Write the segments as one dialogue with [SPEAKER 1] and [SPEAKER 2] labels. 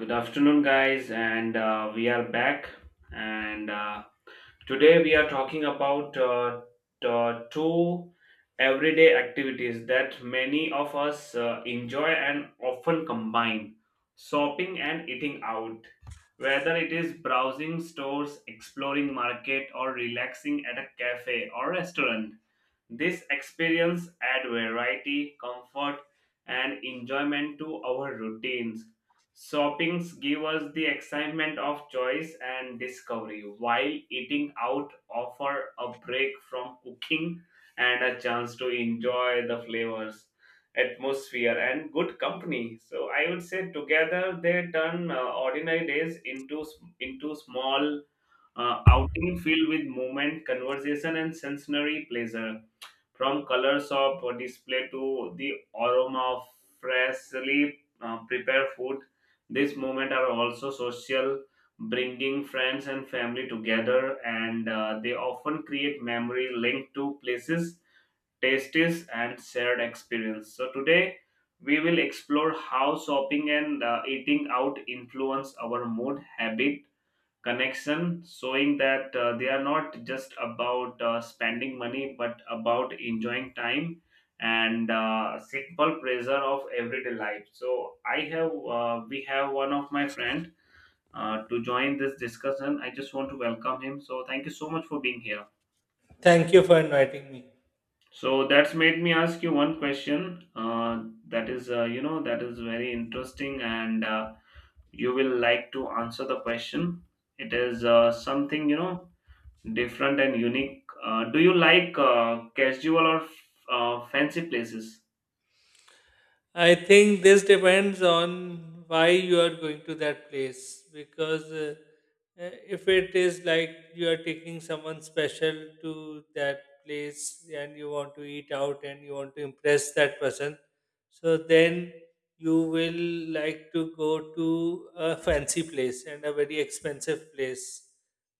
[SPEAKER 1] Good afternoon, guys, and we are back. And Today we are talking about two everyday activities that many of us enjoy and often combine shopping and eating out. Whether it is browsing stores, exploring market, or relaxing at a cafe or restaurant, this experience add variety, comfort, and enjoyment to our routines. Shoppings give us the excitement of choice and discovery, while eating out offer a break from cooking and a chance to enjoy the flavors, atmosphere, and good company. So I would say together they turn ordinary days into small outing filled with movement, conversation, and sensory pleasure, from colors of display to the aroma of freshly prepared food. These moments are also social, bringing friends and family together, and they often create memory linked to places, tastes, and shared experience. So today, we will explore how shopping and eating out influence our mood, habit, connection, showing that they are not just about spending money but about enjoying time and simple pleasure of everyday life. So I have we have one of my friend to join this discussion. I just want to welcome him, so thank you so much for being here.
[SPEAKER 2] Thank you for inviting me.
[SPEAKER 1] So that's made me ask you one question. uh, that is, you know, that is very interesting, and you will like to answer the question. It is something, you know, different and unique. Do you like casual or fancy places?
[SPEAKER 2] I think this depends on why you are going to that place, because uh, if it is like you are taking someone special to that place and you want to eat out and you want to impress that person, so then you will like to go to a fancy place and a very expensive place,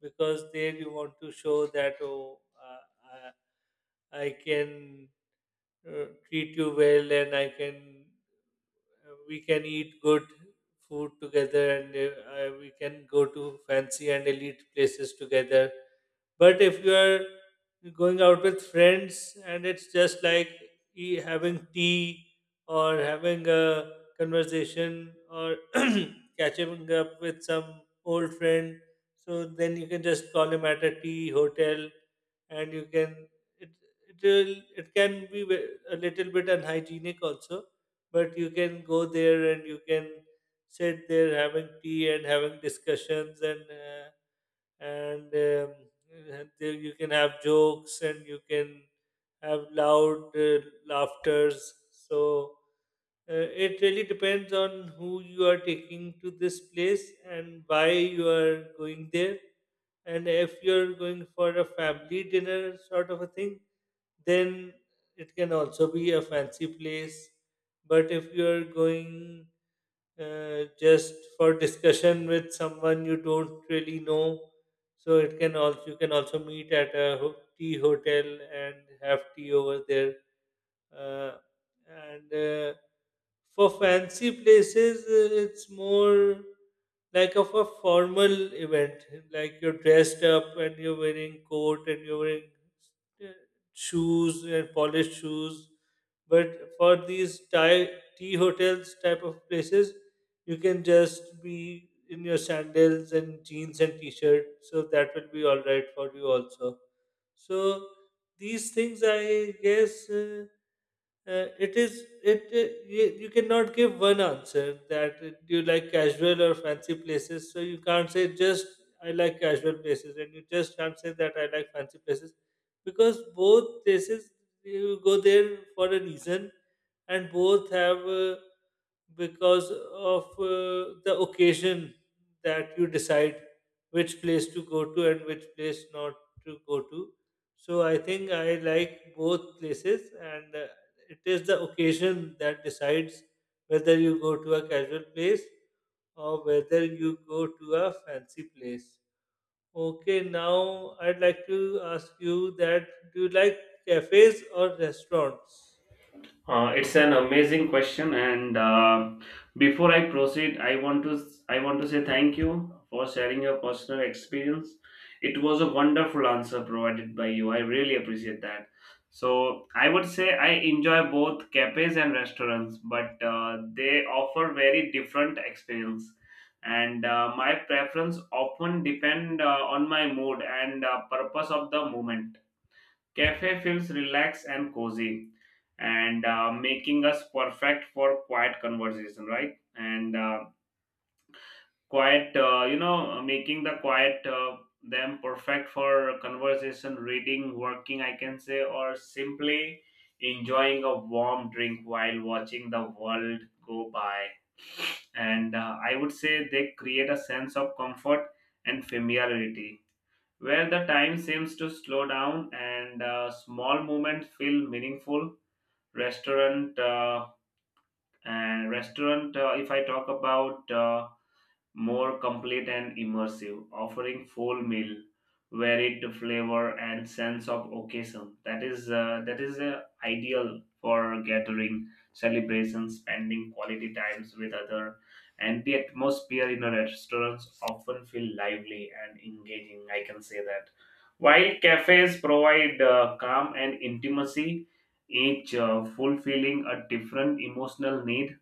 [SPEAKER 2] because there you want to show that, oh, uh, I can treat you well, and I can, we can eat good food together, and we can go to fancy and elite places together. But if you are going out with friends and it's just like having tea or having a conversation or catching up with some old friend, so then you can just call him at a tea hotel, and you can, it, it can be a little bit unhygienic also, but you can go there and you can sit there having tea and having discussions, and there you can have jokes, and you can have loud laughters. So it really depends on who you are taking to this place and why you are going there. And if you're going for a family dinner sort of a thing, then it can also be a fancy place. But if you're going just for discussion with someone you don't really know, so it can also, you can also meet at a tea hotel and have tea over there. Uh, and For fancy places, it's more like of a formal event. Like, you're dressed up and you're wearing coat and you're wearing uh, shoes and polished shoes. But for these Thai tea hotels type of places, you can just be in your sandals and jeans and t-shirt. So that will be all right for you also. So these things, I guess. It is, it, you, you cannot give one answer that, do you like casual or fancy places? So you can't say just I like casual places, and you just can't say that I like fancy places, because both places you go there for a reason, and both have, because of the occasion that you decide which place to go to and which place not to go to. So I think I like both places, and it is the occasion that decides whether you go to a casual place or whether you go to a fancy place. Okay, now I'd like to ask you that, do you like cafes or restaurants?
[SPEAKER 1] It's an amazing question, and before I proceed, I want to say thank you for sharing your personal experience. It was a wonderful answer provided by you. I really appreciate that. So I would say I enjoy both cafes and restaurants, but they offer very different experience. And my preference often depend on my mood and purpose of the moment. Cafe feels relaxed and cozy and making us perfect for quiet conversation, right? And quiet, you know, making the quiet, them perfect for conversation, reading, working, I can say, or simply enjoying a warm drink while watching the world go by. And I would say they create a sense of comfort and familiarity where the time seems to slow down and small moments feel meaningful. Restaurant uh, and restaurant, uh, if I talk about, more complete and immersive, offering full meal, varied flavor and sense of occasion. That is ideal for gathering, celebration, spending quality times with other. And the atmosphere in a restaurants often feel lively and engaging. I can say that. While cafes provide calm and intimacy, each fulfilling a different emotional need.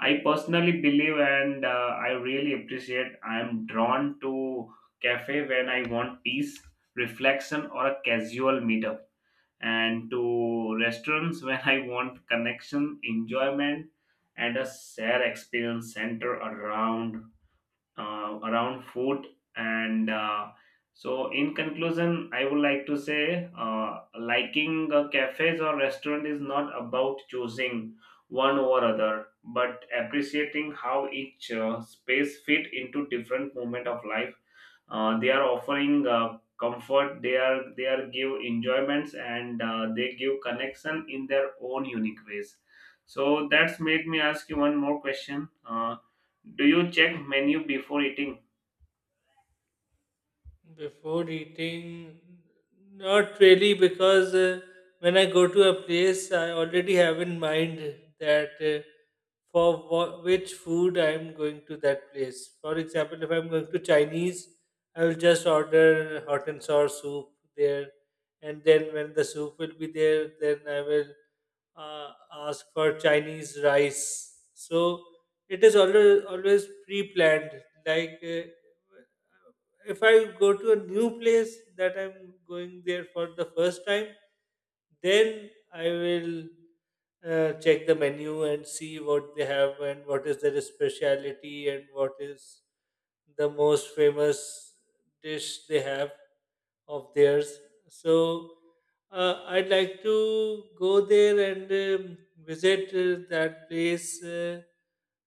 [SPEAKER 1] I personally believe, and I really appreciate, I am drawn to cafe when I want peace, reflection, or a casual meetup, and to restaurants when I want connection, enjoyment and a shared experience centered around, around food. And uh, so in conclusion, I would like to say liking cafes or restaurant is not about choosing one over other but appreciating how each space fit into different moment of life. They are offering comfort, they are give enjoyments, and they give connection in their own unique ways. So that's made me ask you one more question. Do you check menu before eating?
[SPEAKER 2] Before eating, not really, because when I go to a place, I already have in mind that, for which food I'm going to that place. For example, if I'm going to Chinese, I will just order hot and sour soup there, and then when the soup will be there, then I will ask for Chinese rice. So it is always always pre-planned. Like, if I go to a new place that I'm going there for the first time, then I will check the menu and see what they have and what is their speciality and what is the most famous dish they have of theirs. So I'd like to go there and visit that place, uh,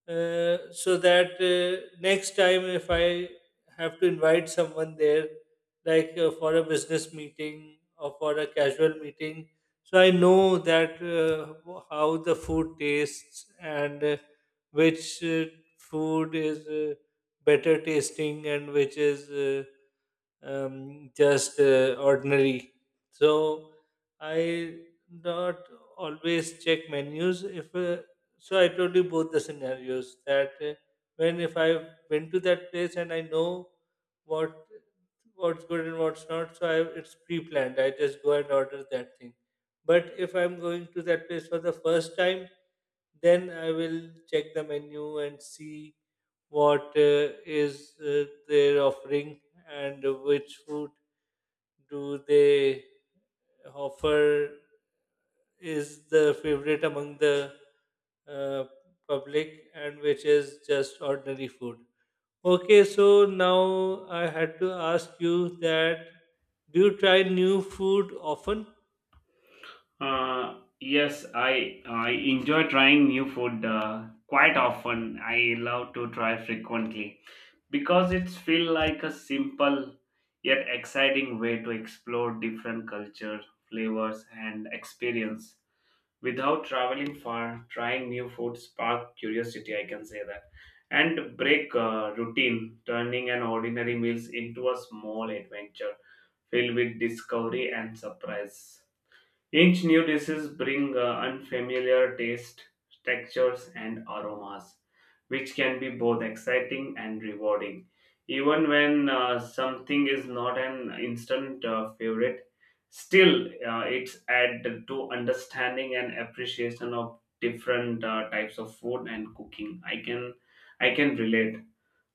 [SPEAKER 2] uh, so that next time if I have to invite someone there, like, for a business meeting or for a casual meeting, so I know that, how the food tastes and which food is better tasting and which is just ordinary. So I not always check menus. If so, I told you both the scenarios, that when, if I went to that place and I know what, what's good and what's not. So I, it's pre-planned. I just go and order that thing. But if I'm going to that place for the first time, then I will check the menu and see what is their offering, and which food do they offer is the favorite among the uh, public, and which is just ordinary food. Okay, so now I had to ask you that, do you try new food often?
[SPEAKER 1] Yes, I enjoy trying new food quite often. I love to try frequently because it's feel like a simple yet exciting way to explore different culture, flavors, and experience. Without traveling far, trying new food spark curiosity, I can say that, and break routine, turning an ordinary meals into a small adventure filled with discovery and surprise. Each new dishes bring unfamiliar taste, textures, and aromas, which can be both exciting and rewarding. Even when something is not an instant favorite, still it's add to understanding and appreciation of different types of food and cooking. I can relate.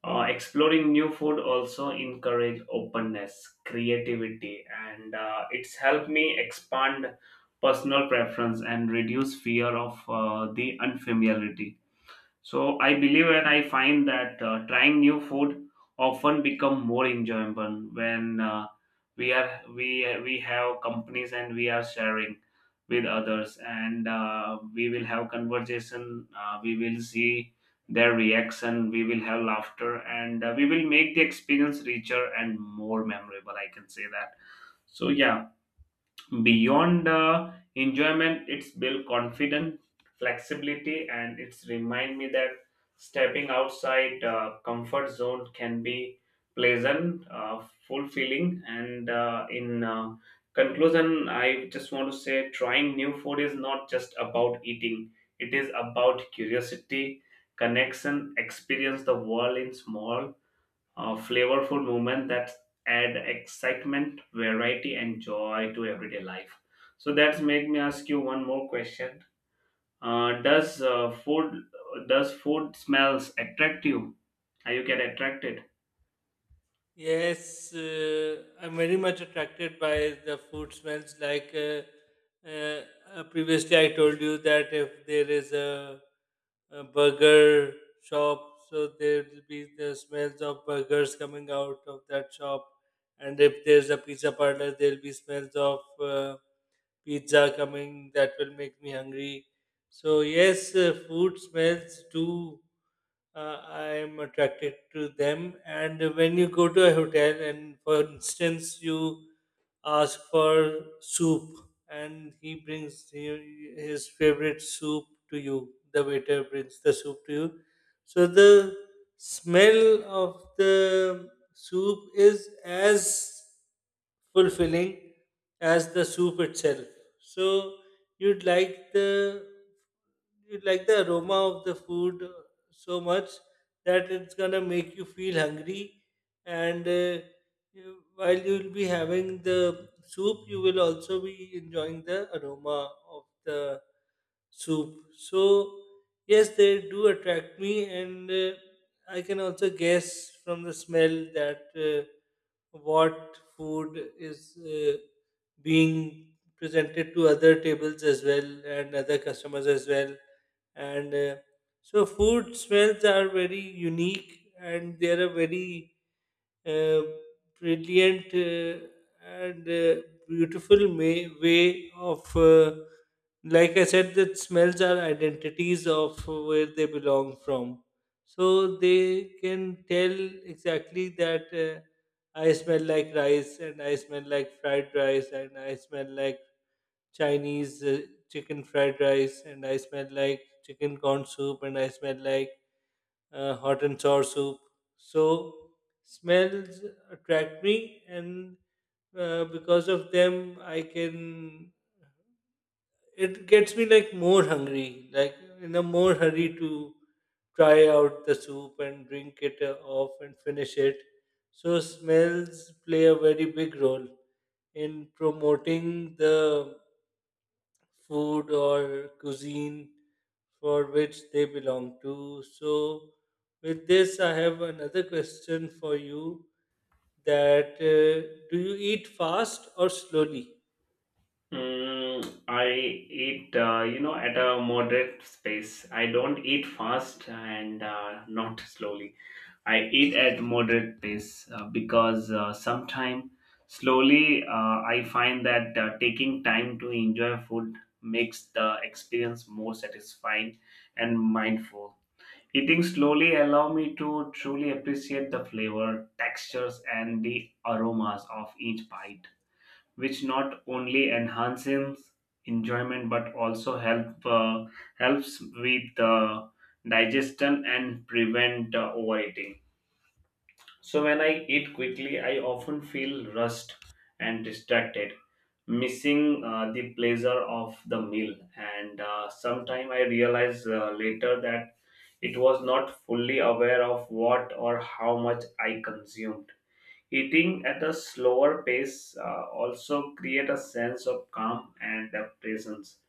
[SPEAKER 1] Exploring new food also encourage openness, creativity, and it's helped me expand personal preference and reduce fear of the unfamiliarity. So I believe and I find that trying new food often become more enjoyable when we we have companies and we are sharing with others, and we will have conversation. We will see their reaction. We will have laughter, and we will make the experience richer and more memorable. I can say that. So yeah, beyond enjoyment, it's built confidence, flexibility, and it's remind me that stepping outside comfort zone can be pleasant, fulfilling, and in conclusion, I just want to say trying new food is not just about eating; it is about curiosity, connection, experience the world in small flavorful movement that add excitement, variety, and joy to everyday life. So that's make me ask you one more question. Uh, does uh, food does food smells attract you? How you get attracted?
[SPEAKER 2] Yes, I'm very much attracted by the food smells. Like, uh, previously, I told you that if there is a burger shop, so there will be the smells of burgers coming out of that shop, and if there's a pizza parlor, there'll be smells of. Pizza coming that will make me hungry. So, yes, food smells do. I am attracted to them. And when you go to a hotel, and for instance, you ask for soup, and his favorite soup to you. The waiter brings the soup to you. So the smell of the soup is as fulfilling as the soup itself. So you'd like the you'd like the aroma of the food so much that it's gonna make you feel hungry, and you- while you'll be having the soup, you will also be enjoying the aroma of the soup. So, yes, they do attract me, and I can also guess from the smell that, what food is being presented to other tables as well and other customers as well. And So, food smells are very unique, and they are a very uh, brilliant and beautiful way of, like I said, that smells are identities of where they belong from. So they can tell exactly that, I smell like rice, and I smell like fried rice, and I smell like Chinese chicken fried rice, and I smell like chicken corn soup, and I smell like hot and sour soup. So smells attract me, and because of them, I can. It gets me like more hungry, like, in a more hurry to try out the soup and drink it off and finish it. So smells play a very big role in promoting the food or cuisine for which they belong to. So, with this, I have another question for you, that do you eat fast or slowly?
[SPEAKER 1] Mm, I eat, you know, at a moderate pace. I don't eat fast and not slowly. I eat at moderate pace because sometimes slowly I find that taking time to enjoy food makes the experience more satisfying and mindful. Eating slowly allow me to truly appreciate the flavor, textures, and the aromas of each bite, which not only enhances enjoyment but also helps with digestion and prevent overeating. So when I eat quickly, I often feel rushed and distracted, missing the pleasure of the meal. And sometime I realize later that it was not fully aware of what or how much I consumed. Eating at a slower pace also create a sense of calm and presence,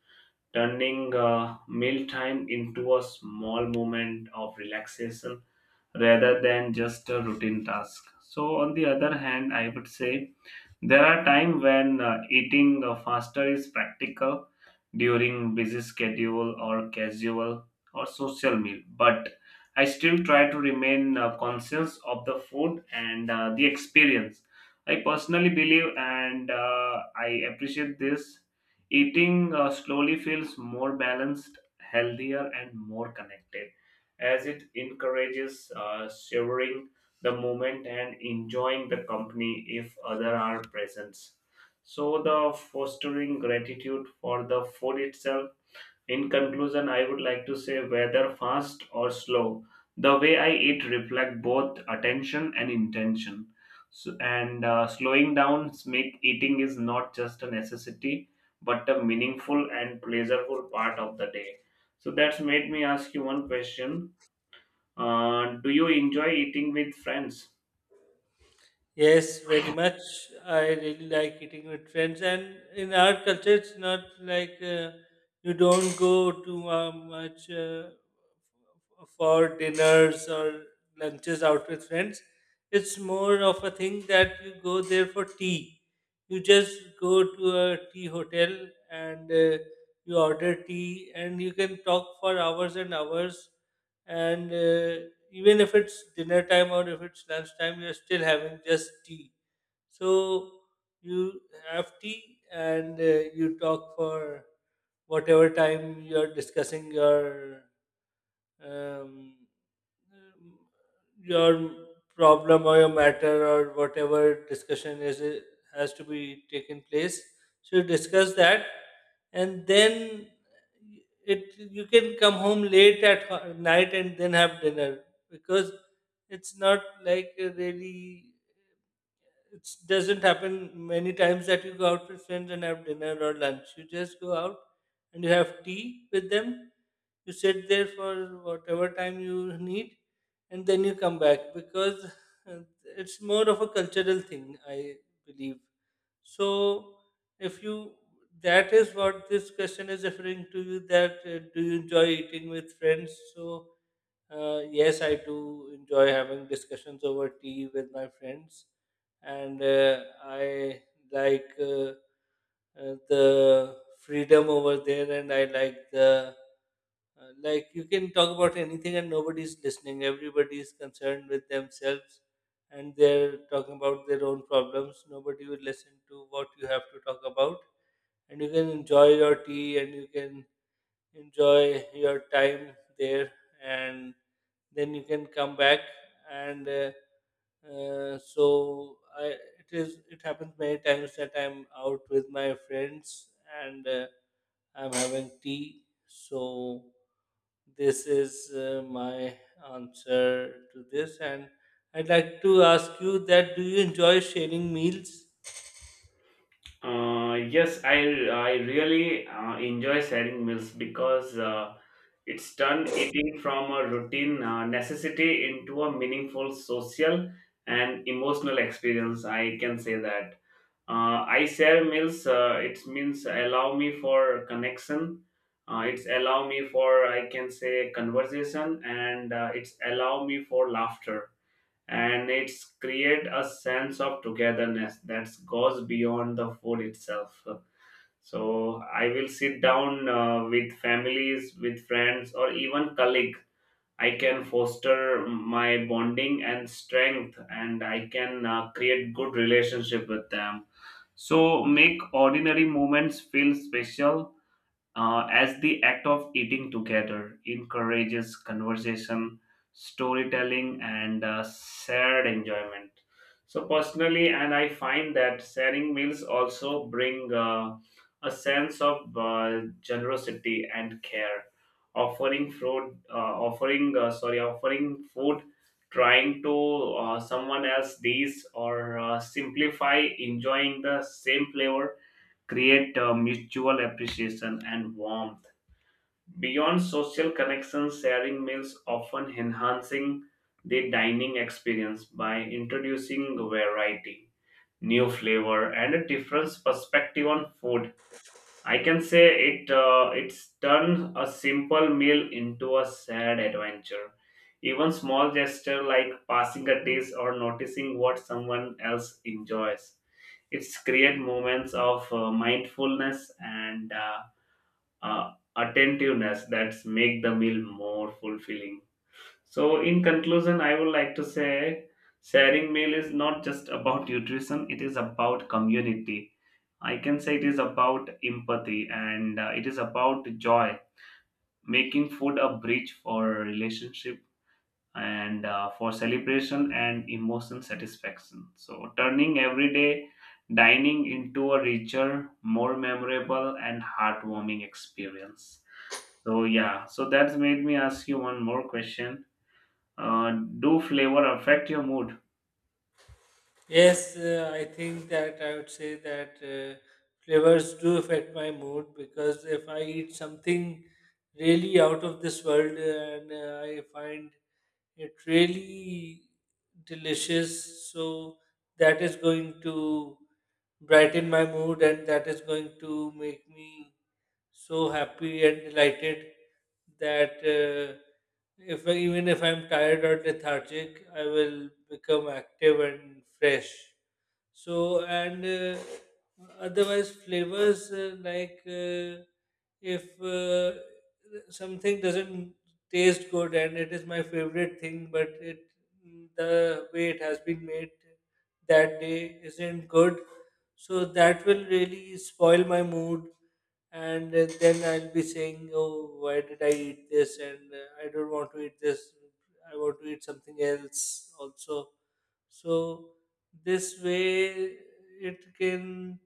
[SPEAKER 1] turning mealtime into a small moment of relaxation rather than just a routine task. So, on the other hand, I would say there are times when eating faster is practical during busy schedule or casual or social meal, but I still try to remain conscious of the food and the experience. I personally believe, and I appreciate this, eating slowly feels more balanced, healthier, and more connected, as it encourages savoring the moment and enjoying the company if other are present, so, the fostering gratitude for the food itself. In conclusion, I would like to say whether fast or slow, the way I eat reflect both attention and intention. So, and slowing down make eating is not just a necessity, but a meaningful and pleasurable part of the day. So that's made me ask you one question. Do you enjoy eating with friends?
[SPEAKER 2] Yes, very much. I really like eating with friends, and in our culture, it's not like, you don't go too much for dinners or lunches out with friends. It's more of a thing that you go there for tea. You just go to a tea hotel, and you order tea, and you can talk for hours and hours, and even if it's dinner time or if it's lunch time, you're still having just tea. So you have tea, and you talk for whatever time, you're discussing um, um, your problem or your matter or whatever discussion is it has to be taken place, so you discuss that, and then it, you can come home late at night and then have dinner, because it's not like really, it doesn't happen many times that you go out with friends and have dinner or lunch. You just go out and you have tea with them. You sit there for whatever time you need, and then you come back, because uh, it's more of a cultural thing, I believe. So, if you, that is what this question is referring to you, that do you enjoy eating with friends? So, yes, I do enjoy having discussions over tea with my friends, and I like the freedom over there, and I like the like, you can talk about anything and nobody's listening. Everybody is concerned with themselves, and they're talking about their own problems. Nobody will listen to what you have to talk about, and you can enjoy your tea and you can enjoy your time there, and then you can come back, and so I, it is, it happens many times that I'm out with my friends, and I'm having tea. So this is my answer to this, and I'd like to ask you that, do you enjoy sharing meals?
[SPEAKER 1] Yes, I really enjoy sharing meals because it's turned eating from a routine necessity into a meaningful social and emotional experience. I can say that. I share meals. It means allow me for connection. It's allow me for, I can say, conversation, and it's allow me for laughter, and it's create a sense of togetherness that goes beyond the food itself. So I will sit down with families, with friends, or even colleague. I can foster my bonding and strength, and I can create good relationship with them, so make ordinary moments feel special, as the act of eating together encourages conversation, storytelling, and shared enjoyment. So, personally, and I find that sharing meals also bring a sense of generosity and care. Offering food, uh, offering food, trying to, someone else these, or simplify enjoying the same flavor, create a mutual appreciation and warmth. Beyond social connections, sharing meals often enhancing the dining experience by introducing variety, new flavor, and a different perspective on food. I can say it, it's turned a simple meal into a sad adventure. Even small gesture like passing a dish or noticing what someone else enjoys, it's create moments of mindfulness and attentiveness that make the meal more fulfilling. So, in conclusion, I would like to say sharing meal is not just about nutrition; it is about community. I can say it is about empathy, and it is about joy, making food a bridge for relationship and for celebration and emotion satisfaction. So, turning everyday dining into a richer, more memorable, and heartwarming experience. So, yeah, so that's made me ask you one more question. Uh, do flavor affect your mood?
[SPEAKER 2] Yes, I think that I would say that, flavors do affect my mood, because if I eat something really out of this world, and I find it really delicious, so that is going to brighten my mood, and that is going to make me so happy and delighted that, if I, even if I'm tired or lethargic, I will become active and fresh. So, and otherwise, flavors, like, if something doesn't taste good and it is my favorite thing, but it, the way it has been made that day isn't good, so that will really spoil my mood. And then I'll be saying, "Oh, why did I eat this?" And I don't want to eat this. I want to eat something else also. So this way it can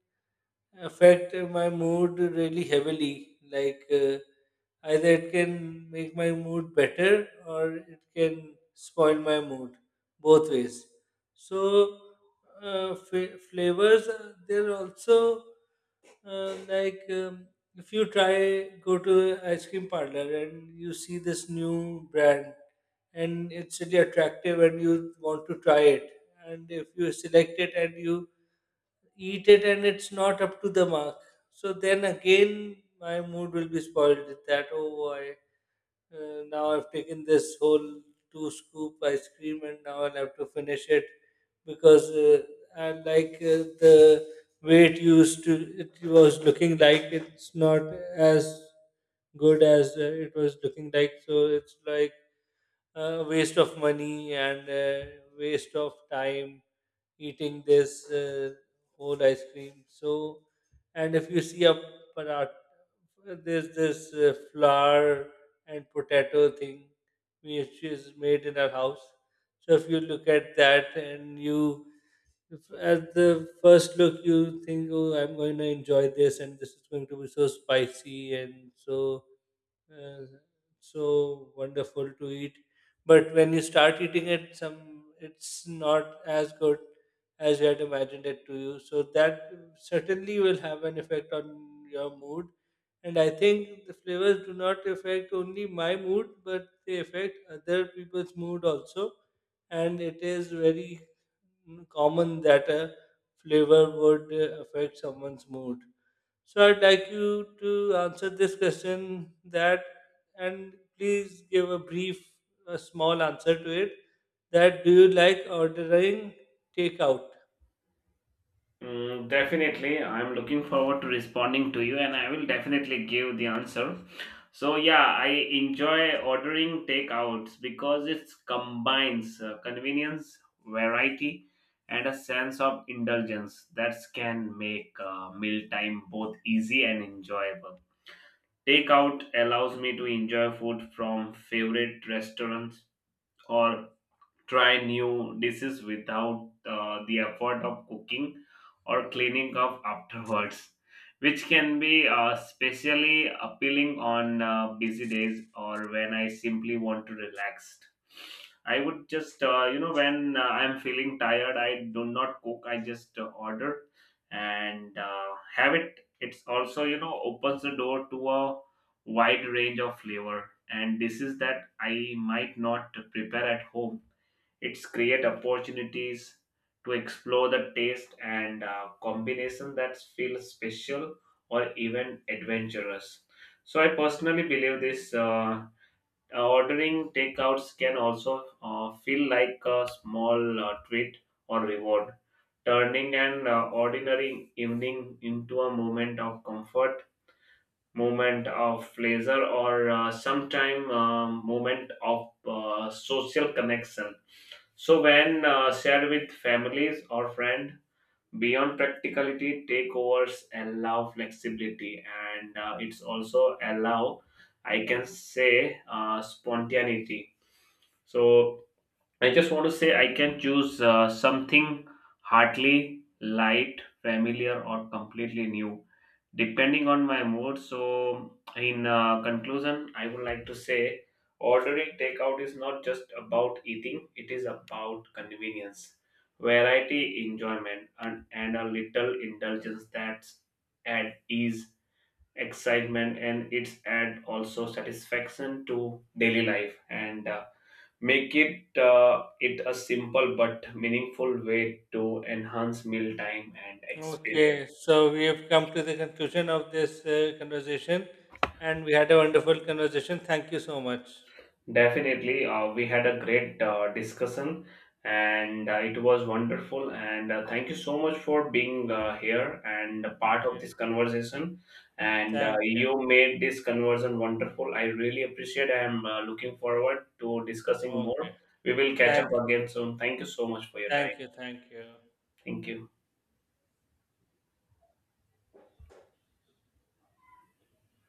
[SPEAKER 2] affect my mood really heavily. Like, either it can make my mood better or it can spoil my mood, both ways. So, flavors, they're also, uh, like um, if you try, go to a ice cream parlor and you see this new brand, and it's really attractive and you want to try it. And if you select it and you eat it and it's not up to the mark, so then again my mood will be spoiled with that. Oh, I, now I've taken this whole two scoop ice cream, and now I'll have to finish it because, I like, the way it used to, it was looking like, it's not as good as it was looking like. So it's like a waste of money and waste of time eating this whole ice cream. So, and if you see a parat, there's this flour and potato thing which is made in our house. So, if you look at that and you, if at the first look you think, oh, I'm going to enjoy this, and this is going to be so spicy and so uh, so wonderful to eat. But when you start eating it, some, it's not as good as you had imagined it to you. So that certainly will have an effect on your mood. And I think the flavors do not affect only my mood, but they affect other people's mood also. And it is very common that a flavor would affect someone's mood. So I'd like you to answer this question, that, and please give a brief, a small answer to it. That, do you like ordering takeout?
[SPEAKER 1] Mm, definitely, I'm looking forward to responding to you, and I will definitely give the answer. So yeah, I enjoy ordering takeouts because it combines convenience, variety, and a sense of indulgence that can make mealtime both easy and enjoyable. Takeout allows me to enjoy food from favorite restaurants or try new dishes without the effort of cooking or cleaning up afterwards, which can be especially appealing on busy days or when I simply want to relax. I would just, you know, when I'm feeling tired, I do not cook, I just order and have it. It's also, you know, opens the door to a wide range of flavor and dishes that I might not prepare at home. It's create opportunities to explore the taste and combination that feel special or even adventurous. So I personally believe this, ordering takeouts can also feel like a small treat or reward, turning an ordinary evening into a moment of comfort, moment of pleasure, or sometime moment of social connection, so, when shared with families or friend. Beyond practicality, takeovers allow flexibility, and it's also allow, I can say, spontaneity. So I just want to say I can choose something hardly light, familiar, or completely new depending on my mood. So in conclusion, I would like to say ordering takeout is not just about eating, it is about convenience, variety, enjoyment, and a little indulgence that add ease, excitement, and it's add also satisfaction to daily life, and make it it a simple but meaningful way to enhance mealtime and experience.
[SPEAKER 2] Okay, so we have come to the conclusion of this conversation, and we had a wonderful conversation. Thank you so much.
[SPEAKER 1] Definitely, we had a great discussion, and it was wonderful. And thank you so much for being here and a part of
[SPEAKER 2] Okay,
[SPEAKER 1] this conversation. And
[SPEAKER 2] thank you.
[SPEAKER 1] you made this conversation wonderful. I really appreciate. I am looking forward to discussing
[SPEAKER 2] Okay,
[SPEAKER 1] more. We will catch up
[SPEAKER 2] thank you,
[SPEAKER 1] again soon. Thank you so much for your time.
[SPEAKER 2] thank you, thank you.
[SPEAKER 1] Thank you.